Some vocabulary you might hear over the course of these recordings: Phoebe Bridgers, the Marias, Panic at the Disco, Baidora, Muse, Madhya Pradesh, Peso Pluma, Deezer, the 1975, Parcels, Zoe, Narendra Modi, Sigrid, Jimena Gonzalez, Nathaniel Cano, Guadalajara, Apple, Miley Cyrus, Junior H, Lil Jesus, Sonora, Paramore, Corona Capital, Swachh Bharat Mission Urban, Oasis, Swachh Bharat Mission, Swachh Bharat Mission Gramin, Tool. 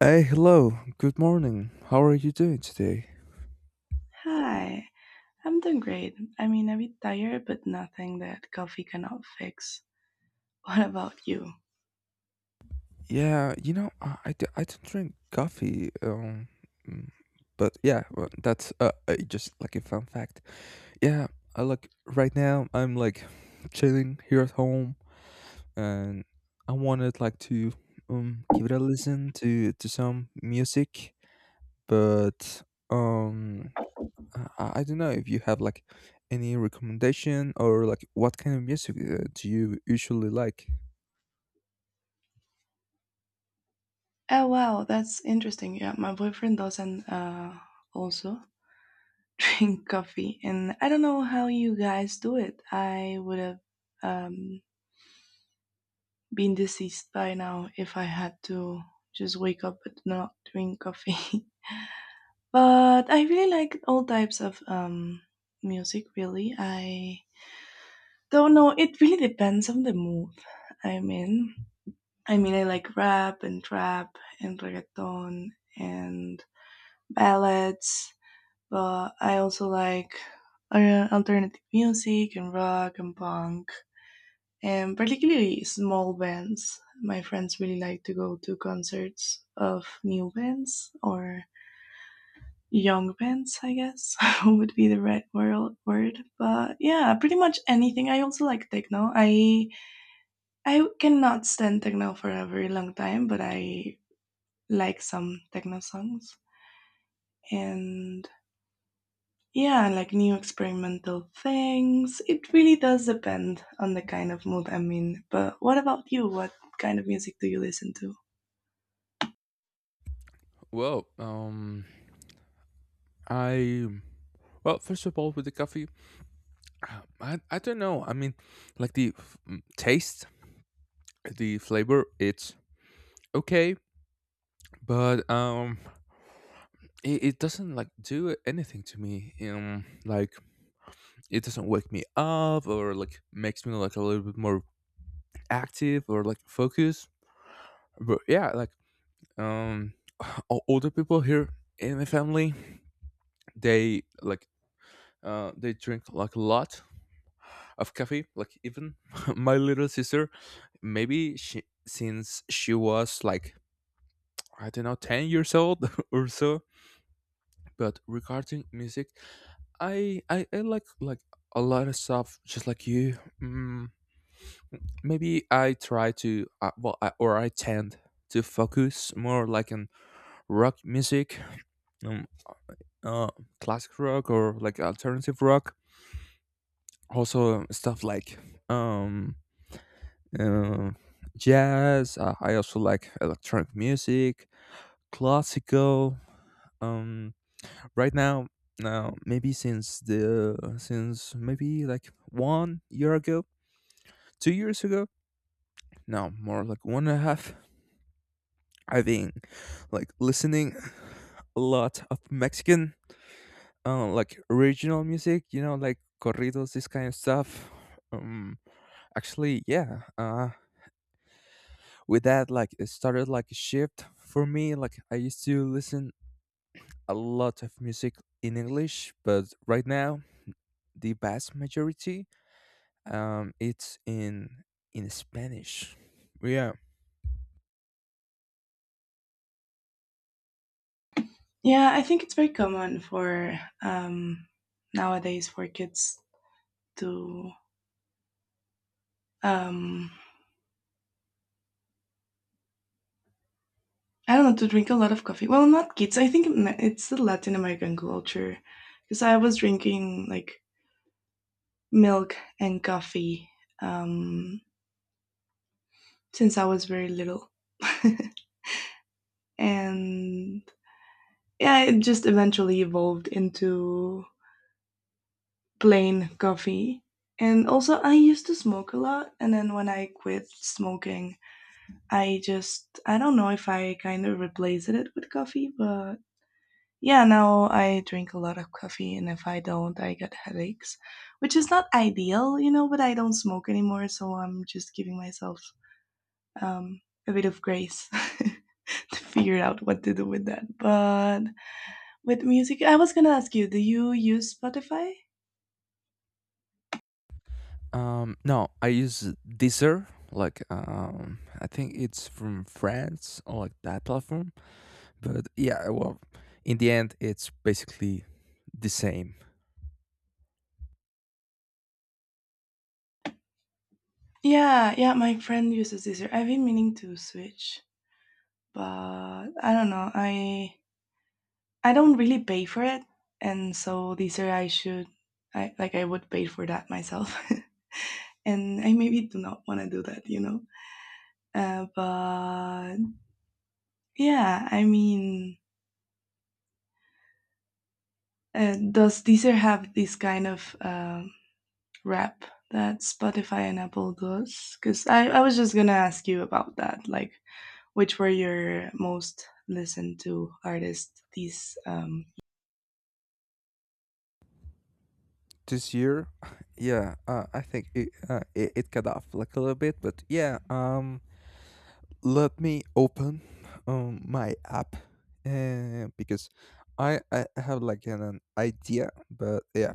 Hey, hello. Good morning. How are you doing today? Hi, I'm doing great. I mean, a bit tired, but nothing that coffee cannot fix. What about you? Yeah, you know, I don't drink coffee. Mm, but yeah, well, that's just like a fun fact. Yeah, I like right now I'm like chilling here at home, and I wanted like to give it a listen to some music, but um I don't know if you have like any recommendation or like what kind of music do you usually like? Oh, wow, that's interesting. Yeah, my boyfriend doesn't also drink coffee, and I don't know how you guys do it. I would have um, been deceased by now if I had to just wake up but not drink coffee. but I really like all types of music, really. I don't know. It really depends on the mood I'm in. I mean, I like rap and trap and reggaeton and ballads, but I also like alternative music and rock and punk and particularly small bands. My friends really like to go to concerts of new bands or young bands, I guess would be the right word, but yeah, pretty much anything. I also like techno. I cannot stand techno for a very long time, but I like some techno songs. And yeah, like new experimental things. It really does depend on the kind of mood I'm in. But what about you? What kind of music do you listen to? Well, I well, first of all, with the coffee, I don't know. I mean, like the taste, the flavor, it's okay, but it doesn't like do anything to me. Like it doesn't wake me up or like makes me like a little bit more active or like focused. But yeah, like um, older people here in my family, they like they drink like a lot of coffee like even my little sister maybe she since she was like I don't know 10 years old or so. But regarding music, I like a lot of stuff just like you. Maybe I try to well or I tend to focus more like on rock music, um, uh, classic rock or like alternative rock, also stuff like um um, jazz. I also like electronic music, classical. Um, right now, now maybe since the since maybe like one year ago, two years ago, no more like one and a half. I've been like listening a lot of Mexican, like regional music. You know, like corridos, this kind of stuff. Um, Actually, yeah. With that like it started like a shift for me, like I used to listen a lot of music in English, but right now the vast majority it's in Spanish. Yeah. Yeah, I think it's very common for nowadays for kids to um I don't know, to drink a lot of coffee. Well, not kids. I think it's the Latin American culture, because I was drinking like milk and coffee um since I was very little. and yeah, it just eventually evolved into plain coffee. And also, I used to smoke a lot, and then when I quit smoking, I just I don't know if I kind of replaced it with coffee, but yeah, now I drink a lot of coffee, and if I don't, I get headaches, which is not ideal, you know, but I don't smoke anymore, so I'm just giving myself um, a bit of grace to figure out what to do with that. But with music. I was gonna ask you, do you use Spotify? No, I use Deezer, like I think it's from France or like that platform, but yeah, well, in the end it's basically the same. Yeah, yeah, my friend uses Deezer. I've been meaning to switch, but I don't know. I don't really pay for it, and so this year I should, I like I would pay for that myself, and I maybe do not want to do that, you know. But yeah, I mean, does Deezer have this kind of rap that Spotify and Apple does? Because I was just gonna ask you about that, like which were your most listened to artists? These. This year yeah I think it, it cut off like a little bit, but yeah. Let me open my app, because I have like an idea, but yeah,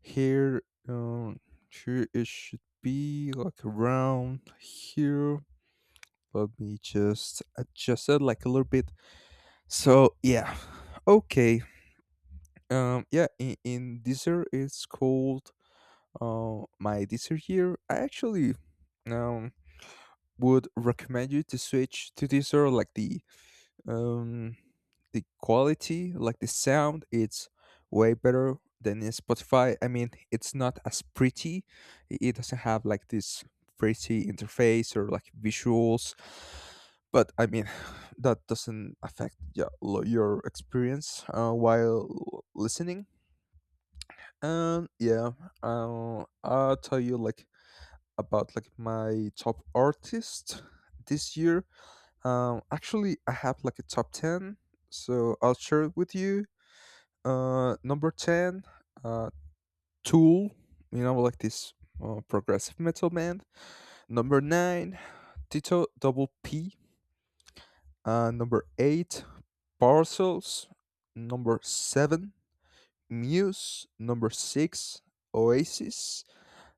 here. um sure, it should be like around here. Let me just adjust it like a little bit. So yeah, okay. Yeah in this year it's called, my Dessert here, I actually um, would recommend you to switch to Dessert, like um, the quality, like the sound. It's way better than in Spotify. I mean, it's not as pretty. It doesn't have like this pretty interface or like visuals. But I mean, that doesn't affect yeah, your experience while listening. Um yeah, I'll tell you like about like my top artist this year. Actually, I have like a top ten, so I'll share it with you. Number ten, uh, Tool. You know, like this progressive metal band. Number nine, Tito Double P. Number eight, Parcels. Number seven, Muse. Number six, Oasis.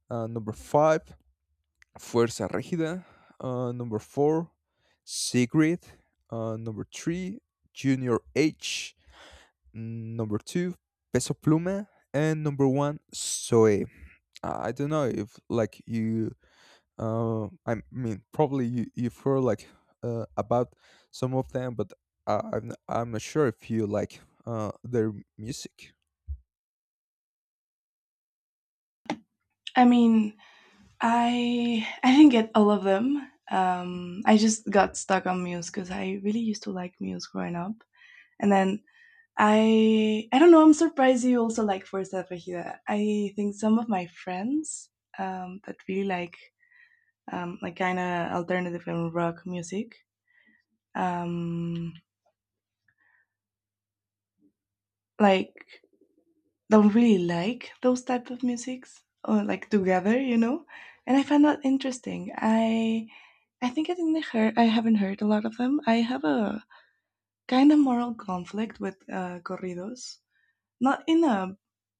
Number five, Fuerza Regida, number four, Sigrid, number three, Junior H, number two, Peso Pluma, and number one, Zoe. I don't know if like I mean, probably you've heard like about some of them, but I'm not sure if you like their music. I mean, I didn't get all of them. I just got stuck on Muse because I really used to like Muse growing up, and then I don't know. I'm surprised you also like Fuerza Regida. I think some of my friends that really like kind of alternative and rock music um, like don't really like those type of musics or like together. And I find that interesting. I think I haven't heard a lot of them. I have a kind of moral conflict with corridos, not in a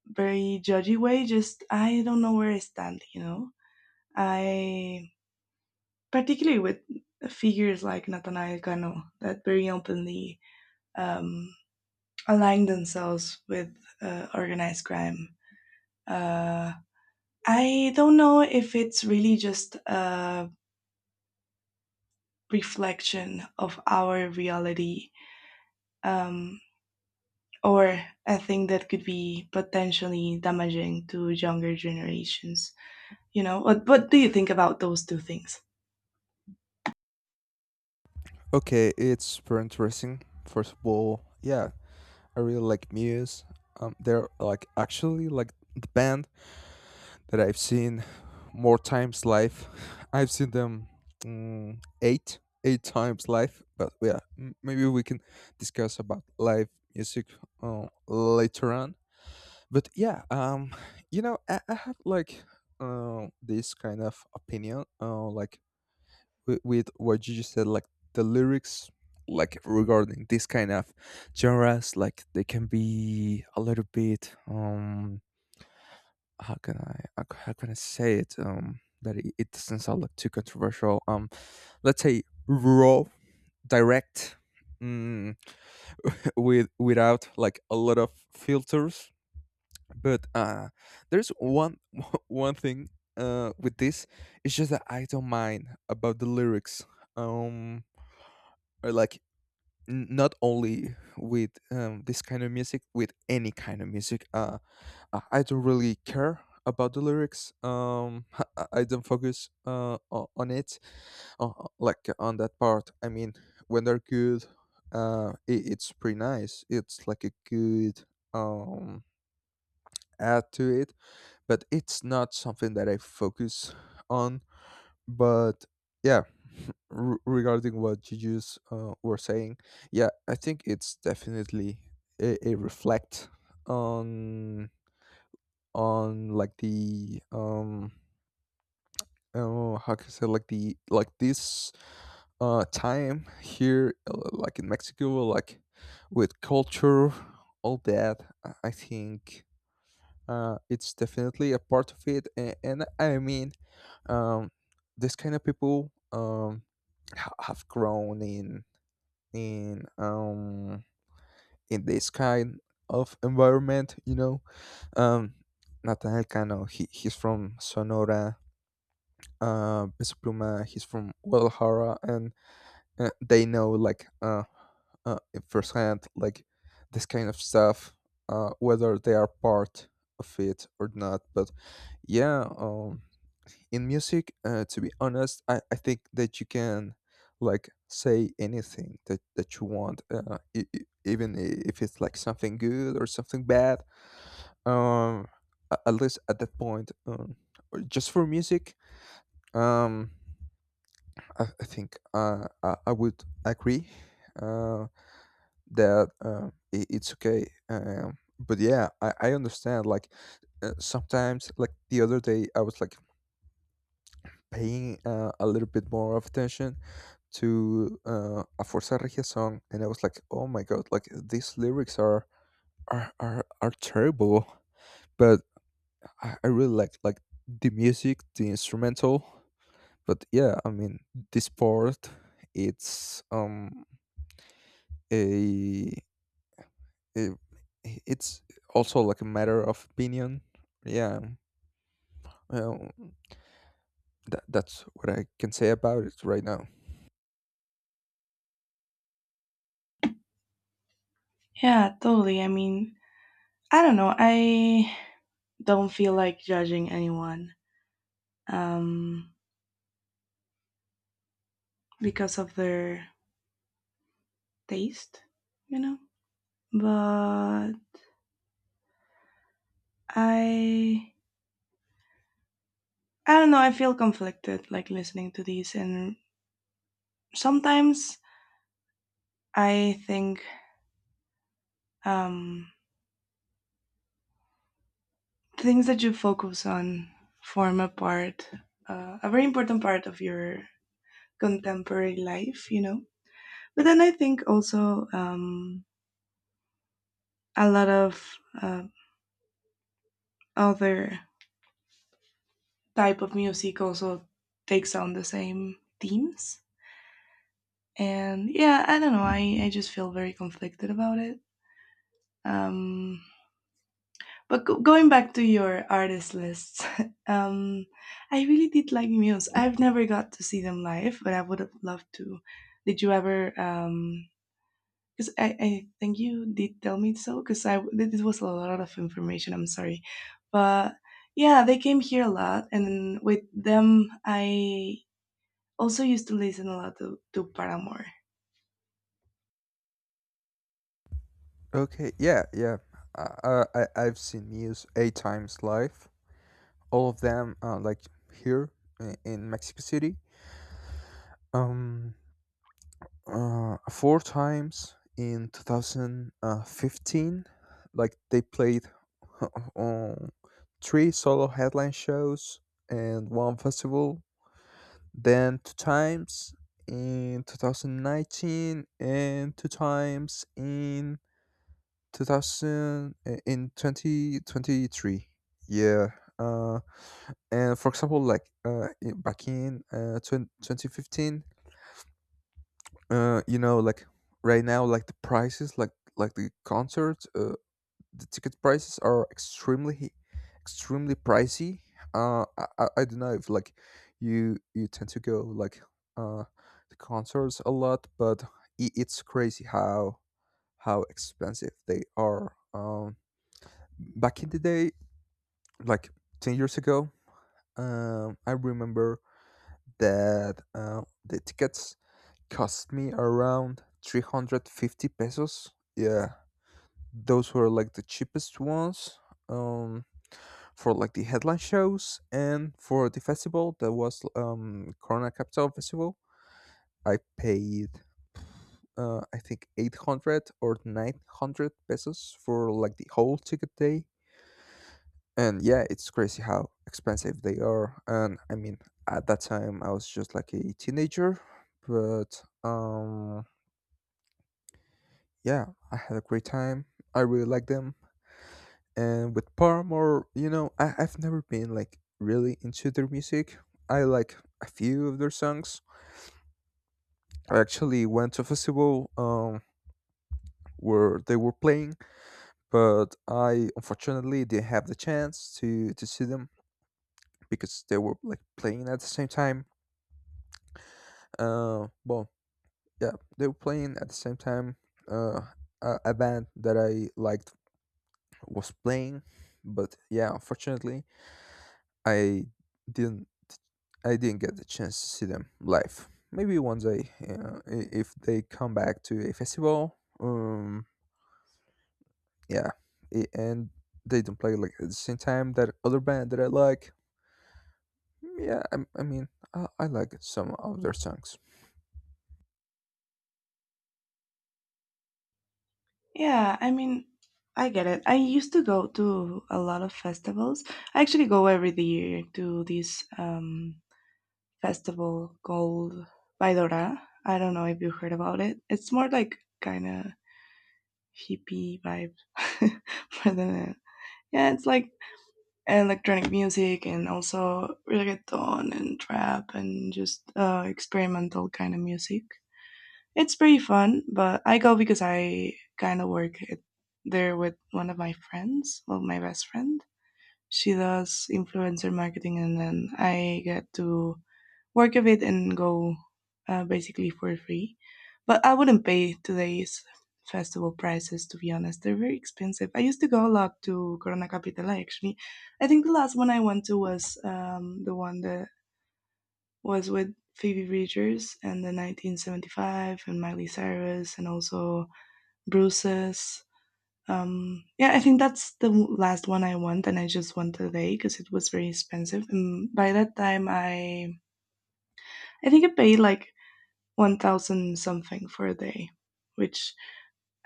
very judgy way, just I don't know where I stand. I, particularly with figures like Nathaniel Cano that very openly um, align themselves with organized crime. Uh. I don't know if it's really just a reflection of our reality, um, or a thing that could be potentially damaging to younger generations. You know, what do you think about those two things? Okay, it's very interesting. First of all, yeah, I really like Muse. They're like actually like the band that I've seen more times live. I've seen them mm, eight eight times live. But yeah, maybe we can discuss about live music later on. But yeah, you know, I have like this kind of opinion. Like with what you just said, like the lyrics, like regarding this kind of genres, like they can be a little bit how can I how can I say it, that it doesn't sound like too controversial, let's say raw, direct, mm, without like a lot of filters. But there's one one thing with this, it's just that I don't mind about the lyrics, um or like not only with this kind of music, with any kind of music. I don't really care about the lyrics. I don't focus on it, like on that part. I mean, when they're good, it's pretty nice. It's like a good um add to it, but it's not something that I focus on. But yeah, regarding what you just were saying, yeah, I think it's definitely a reflect on on like the oh, how can I say, like the like this time here, like in Mexico, like with culture, all that. I think it's definitely a part of it, and I mean, um, this kind of people have grown in um, in this kind of environment. You know, um, Nathaniel Cano, he's from Sonora. Peso Pluma, he's from Guadalajara, and they know like uh, firsthand like this kind of stuff, whether they are part of it or not. But yeah, in music to be honest, I think that you can like say anything that, that you want, even if it's like something good or something bad, um a- at least at that point, or just for music. um I think I would agree uh, that I it's okay, but yeah, I understand like sometimes like the other day I was like paying a little bit more of attention to a Forza Regia song, and I was like, "Oh my god! Like these lyrics are are terrible." But I really like the music, the instrumental. But yeah, I mean, this part, it's a, a it's also like a matter of opinion. Yeah, well, that's what I can say about it right now. Yeah, totally. I mean, I don't know. I don't feel like judging anyone um, because of their taste, you know? But I I don't know. I feel conflicted, like listening to these, and sometimes I think um, things that you focus on form a part, a very important part of your contemporary life. But then I think also a lot of other type of music also takes on the same themes. And yeah, I don't know. I just feel very conflicted about it. Um, But going back to your artist lists, um, I really did like Muse. I've never got to see them live, but I would have loved to. Did you ever? Because I think you did tell me so. Because I, this was a lot of information. I'm sorry, but yeah, they came here a lot, and with them, I also used to listen a lot to Paramore. Okay, yeah, yeah. I've seen Muse eight times live. All of them, like here in Mexico City. Um, Four times in 2015. Like they played on three solo headline shows and one festival. Then two times in 2019 and two times in 2000 uh, in 2023. Yeah. uh and for example, like back in 2015, you know, like right now, like the prices like the concerts, the ticket prices are extremely pricey. I don't know if like you tend to go like uh the concerts a lot, but it's crazy how expensive they are. um Back in the day, like 10 years ago, I remember that the tickets cost me around 350 pesos. Yeah, those were like the cheapest ones, um, for like the headline shows, and for the festival that was, Corona Capital Festival, I paid, I think, 800 or 900 pesos for like the whole ticket day. And yeah, it's crazy how expensive they are, and I mean, at that time I was just like a teenager, but yeah, I had a great time, I really like them. And with Paramore, you know, I've never been like really into their music, I like a few of their songs. I actually went to a festival where they were playing, but I unfortunately didn't have the chance to see them because they were like playing at the same time. Well, yeah, they were playing at the same time. Uh, a band that I liked was playing, but yeah, unfortunately, I didn't. I didn't get the chance to see them live. Maybe one day, if they come back to a festival. Yeah, and they don't play like at the same time that other band that I like. Yeah, I mean, I like some of their songs. Yeah, I mean, I get it. I used to go to a lot of festivals. I actually go every year to this festival called Baidora. I don't know if you heard about it. It's more like kind of hippie vibe more than a, yeah. It's like electronic music and also reggaeton and trap and just experimental kind of music. It's pretty fun, but I go because I kind of work it there with one of my friends, well, my best friend. She does influencer marketing, and then I get to work with it and go basically for free. But I wouldn't pay today's festival prices, to be honest. They're very expensive. I used to go a lot to Corona Capital, actually. I think the last one I went to was the one that was with Phoebe Bridgers and the 1975 and Miley Cyrus and also Bruce's. Yeah, I think that's the last one I want, and I just went today because it was very expensive. And by that time, I think I paid like 1,000 something for a day, which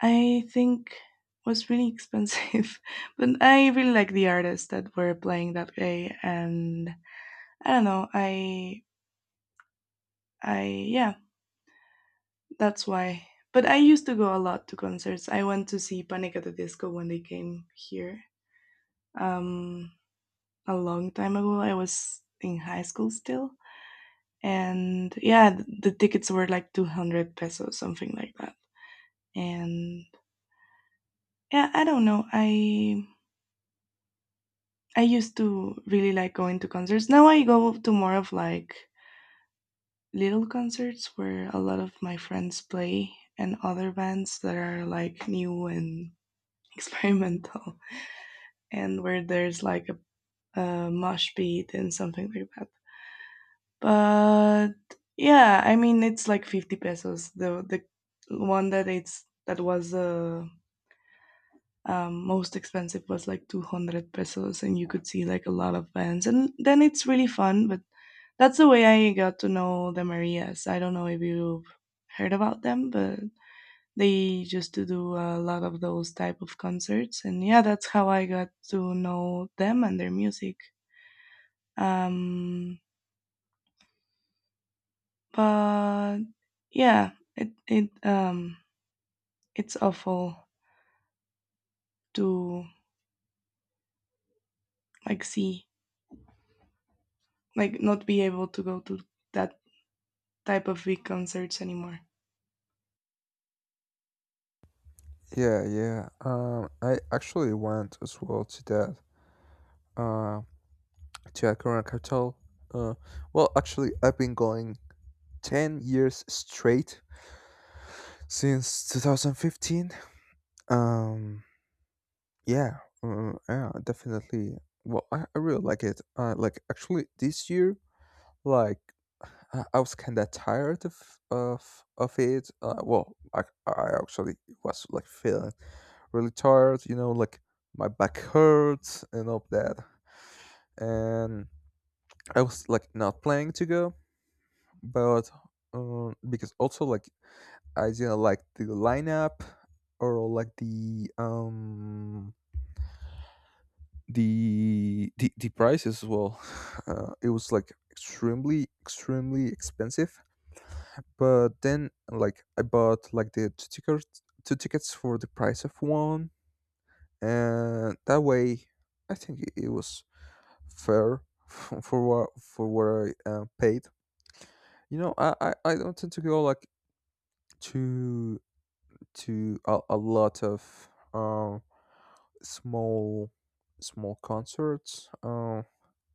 I think was really expensive. but I really like the artists that were playing that day, and I don't know, I yeah, That's why. But I used to go a lot to concerts. I went to see Panic at the Disco when they came here um, a long time ago. I was in high school still. And yeah, the tickets were like 200 pesos, something like that. And yeah, I don't know. I used to really like going to concerts. Now I go to more of like little concerts where a lot of my friends play and other bands that are like new and experimental, and where there's like a mosh pit and something like that. But yeah, I mean it's like 50 pesos. The one that it's that was most expensive was like 200 pesos, and you could see like a lot of bands, and then it's really fun. But that's the way I got to know the Marias. I don't know if you've heard about them, but they used to do a lot of those type of concerts, and yeah, that's how I got to know them and their music. Um, but yeah, it's awful to like see, like not be able to go to that type of big concerts anymore. Yeah, yeah. I actually went as well to that. Um, to your Current Capital. Uh, well, actually, I've been going 10 years straight since 2015. Um, yeah, yeah, definitely. Well, I really like it. Like, actually, this year, like, I was kind of tired of of it. Well, I actually was like feeling really tired, you know, like my back hurts and all that. And I was like not planning to go, but because also like I didn't like the lineup or like the the price as well. It was like extremely expensive. But then like I bought like the two tickets for the price of one, and that way I think it was fair for what I paid. You know, I don't tend to go like to to a lot of small small concerts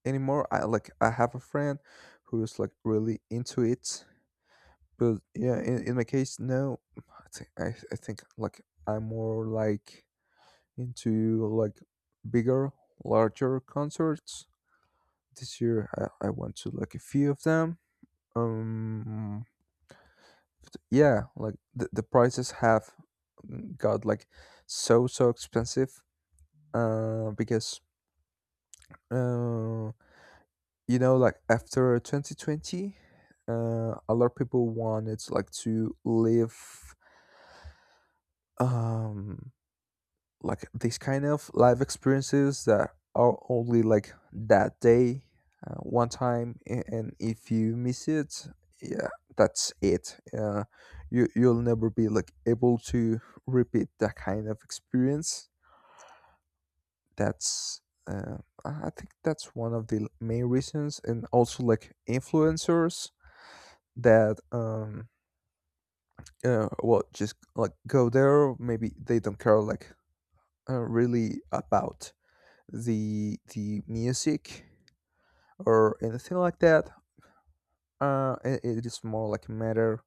anymore. I have a friend who's like really into it, but yeah, in my case, no. I think I think like I'm more like into like bigger, larger concerts. This year I went to like a few of them. Um, but yeah, like the prices have got like so expensive because uh, you know like after 2020, uh, a lot of people wanted like to live um like these kind of life experiences that are only like that day, one time, and if you miss it, yeah, that's it. You'll never be like able to repeat that kind of experience. That's uh, I think that's one of the main reasons, and also like influencers that well just like go there. Maybe they don't care like really about the music or anything like that. It is more like a matter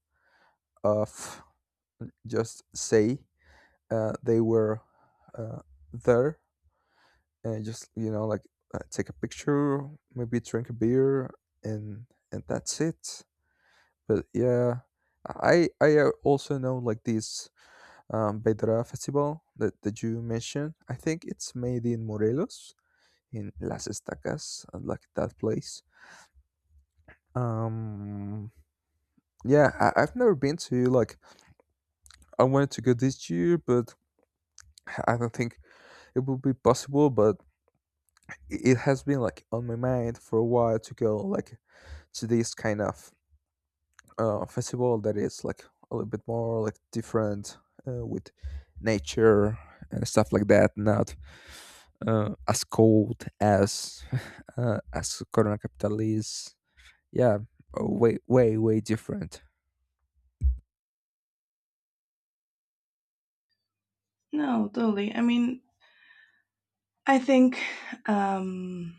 of just say they were uh, there and just take a picture, maybe drink a beer, and and that's it. But yeah, I also know like this bedra festival that, that you mentioned. I think it's made in Morelos, in Las Estacas, like that place. um yeah, I've never been to like, I wanted to go this year but I don't think it will be possible. But it has been like on my mind for a while to go like to this kind of festival that is like a little bit more like different, with nature and stuff like that, not as cold as as Corona Capital is. Yeah, way way way different. No, totally. I mean, I think um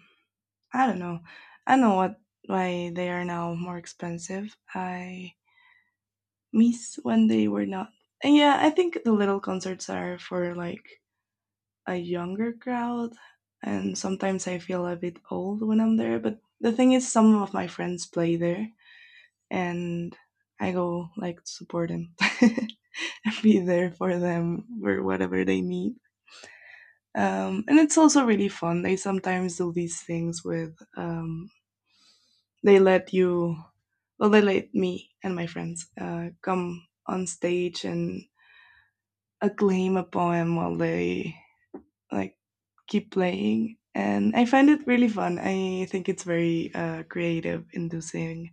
I don't know. I don't know what why they are now more expensive. I miss when they were not. And yeah, I think the little concerts are for like a younger crowd, and sometimes I feel a bit old when I'm there. But the thing is, some of my friends play there, and I go like to support them, and be there for them for whatever they need. And it's also really fun. They sometimes do these things with they let you, well, they let me and my friends come on stage and acclaim a poem while they like keep playing. And I find it really fun. I think it's very creative, inducing.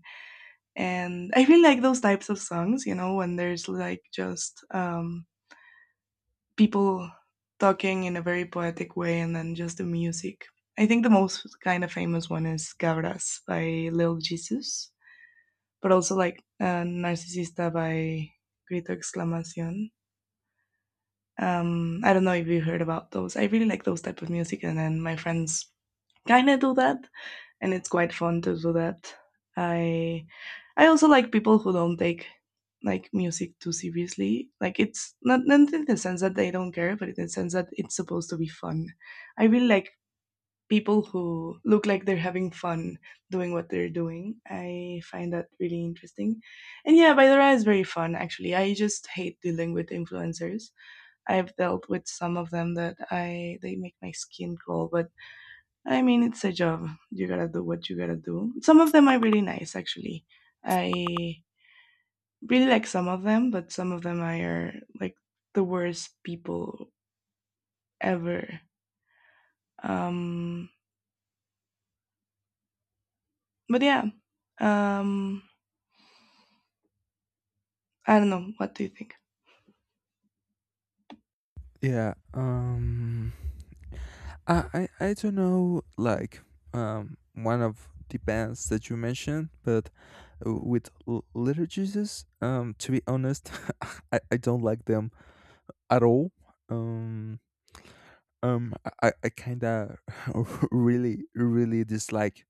And I really like those types of songs, when there's like just people talking in a very poetic way and then just the music. I think the most kind of famous one is Cabras by Lil Jesus, but also like Narcisista by Grito Exclamación. I don't know if you heard about those. I really like those type of music, and then my friends kind of do that, and it's quite fun to do that. I I also like people who don't take like music too seriously. Like it's not in the sense that they don't care, but in the sense that it's supposed to be fun. I really like people who look like they're having fun doing what they're doing. I find that really interesting. And yeah, Baidora is very fun actually. I just hate dealing with influencers. I've dealt with some of them that I they make my skin crawl, but I mean, it's a job. You gotta do what you gotta do. Some of them are really nice, actually. I really like some of them, but some of them are like the worst people ever. Um, but yeah, um, I don't know. What do you think? Yeah, I don't know like one of the bands that you mentioned, but with Little Jesus, to be honest, I don't like them at all. Um, um, I kind of really, really dislike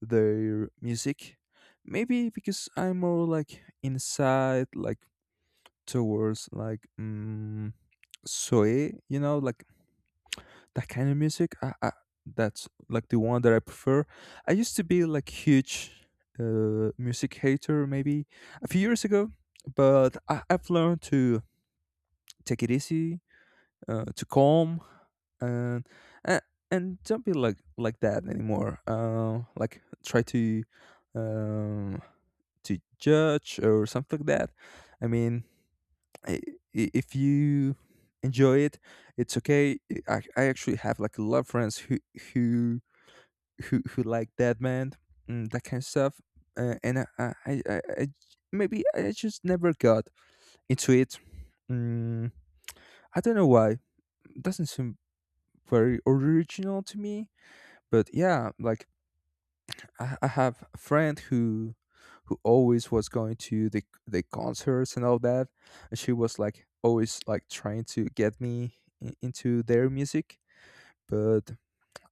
their music. Maybe because I'm more like inside, like towards like soy, you know, like that kind of music. That's like the one that I prefer. I used to be like huge music hater maybe a few years ago, but I've learned to take it easy, to calm, and and, and don't be like that anymore, like try um, to judge or something like that. I mean, i- if you enjoy it, it's okay. I actually have like a lot of friends who who like that band and that kind of stuff, and maybe I just never got into it. mm, I don't know why. Doesn't seem very original to me. But yeah, like I have a friend who always was going to the concerts and all that, and she was like always like trying to get me into their music, but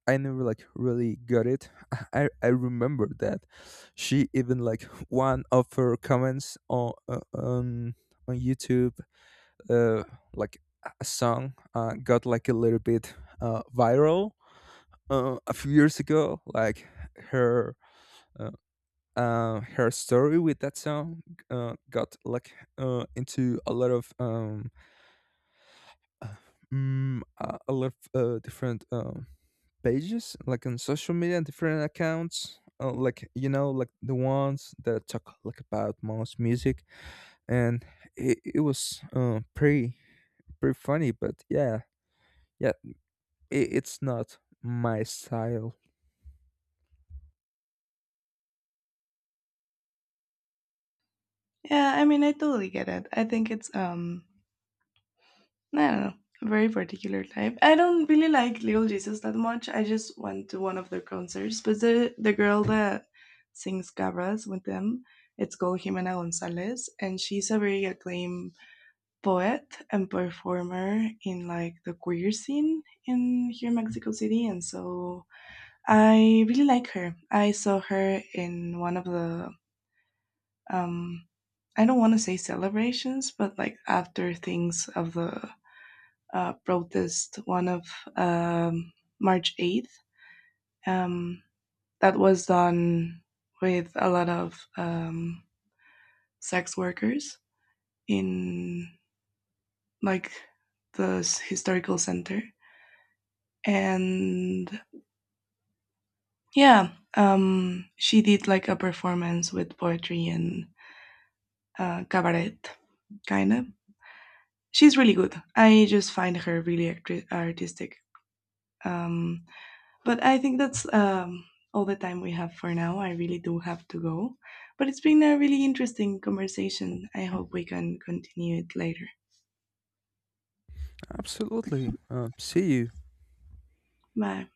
I never like really got it. I remember that she even like, one of her comments on YouTube, uh like a song got like a little bit viral a few years ago, like her uh, her story with that song got like into a lot of uh, a lot of different pages, like on social media and different accounts. Like you know, like the ones that talk like about most music, and it was pretty funny. But yeah, yeah, it's not my style. Yeah, I mean, I totally get it. I think it's no, no, no. Very particular type. I don't really like Little Jesus that much. I just went to one of their concerts, but the girl that sings Gabras with them, it's called Jimena Gonzalez, and she's a very acclaimed poet and performer in like the queer scene in here in Mexico City, and so I really like her. I saw her in one of the um I don't want to say celebrations, but like after things of the protest, one of um, March 8th. Um, that was done with a lot of sex workers in like the historical center. And yeah, she did like a performance with poetry and cabaret, kind of. She's really good. I just find her really artistic. Um, But I think that's all the time we have for now. I really do have to go. But it's been a really interesting conversation. I hope we can continue it later. Absolutely. See you. Bye.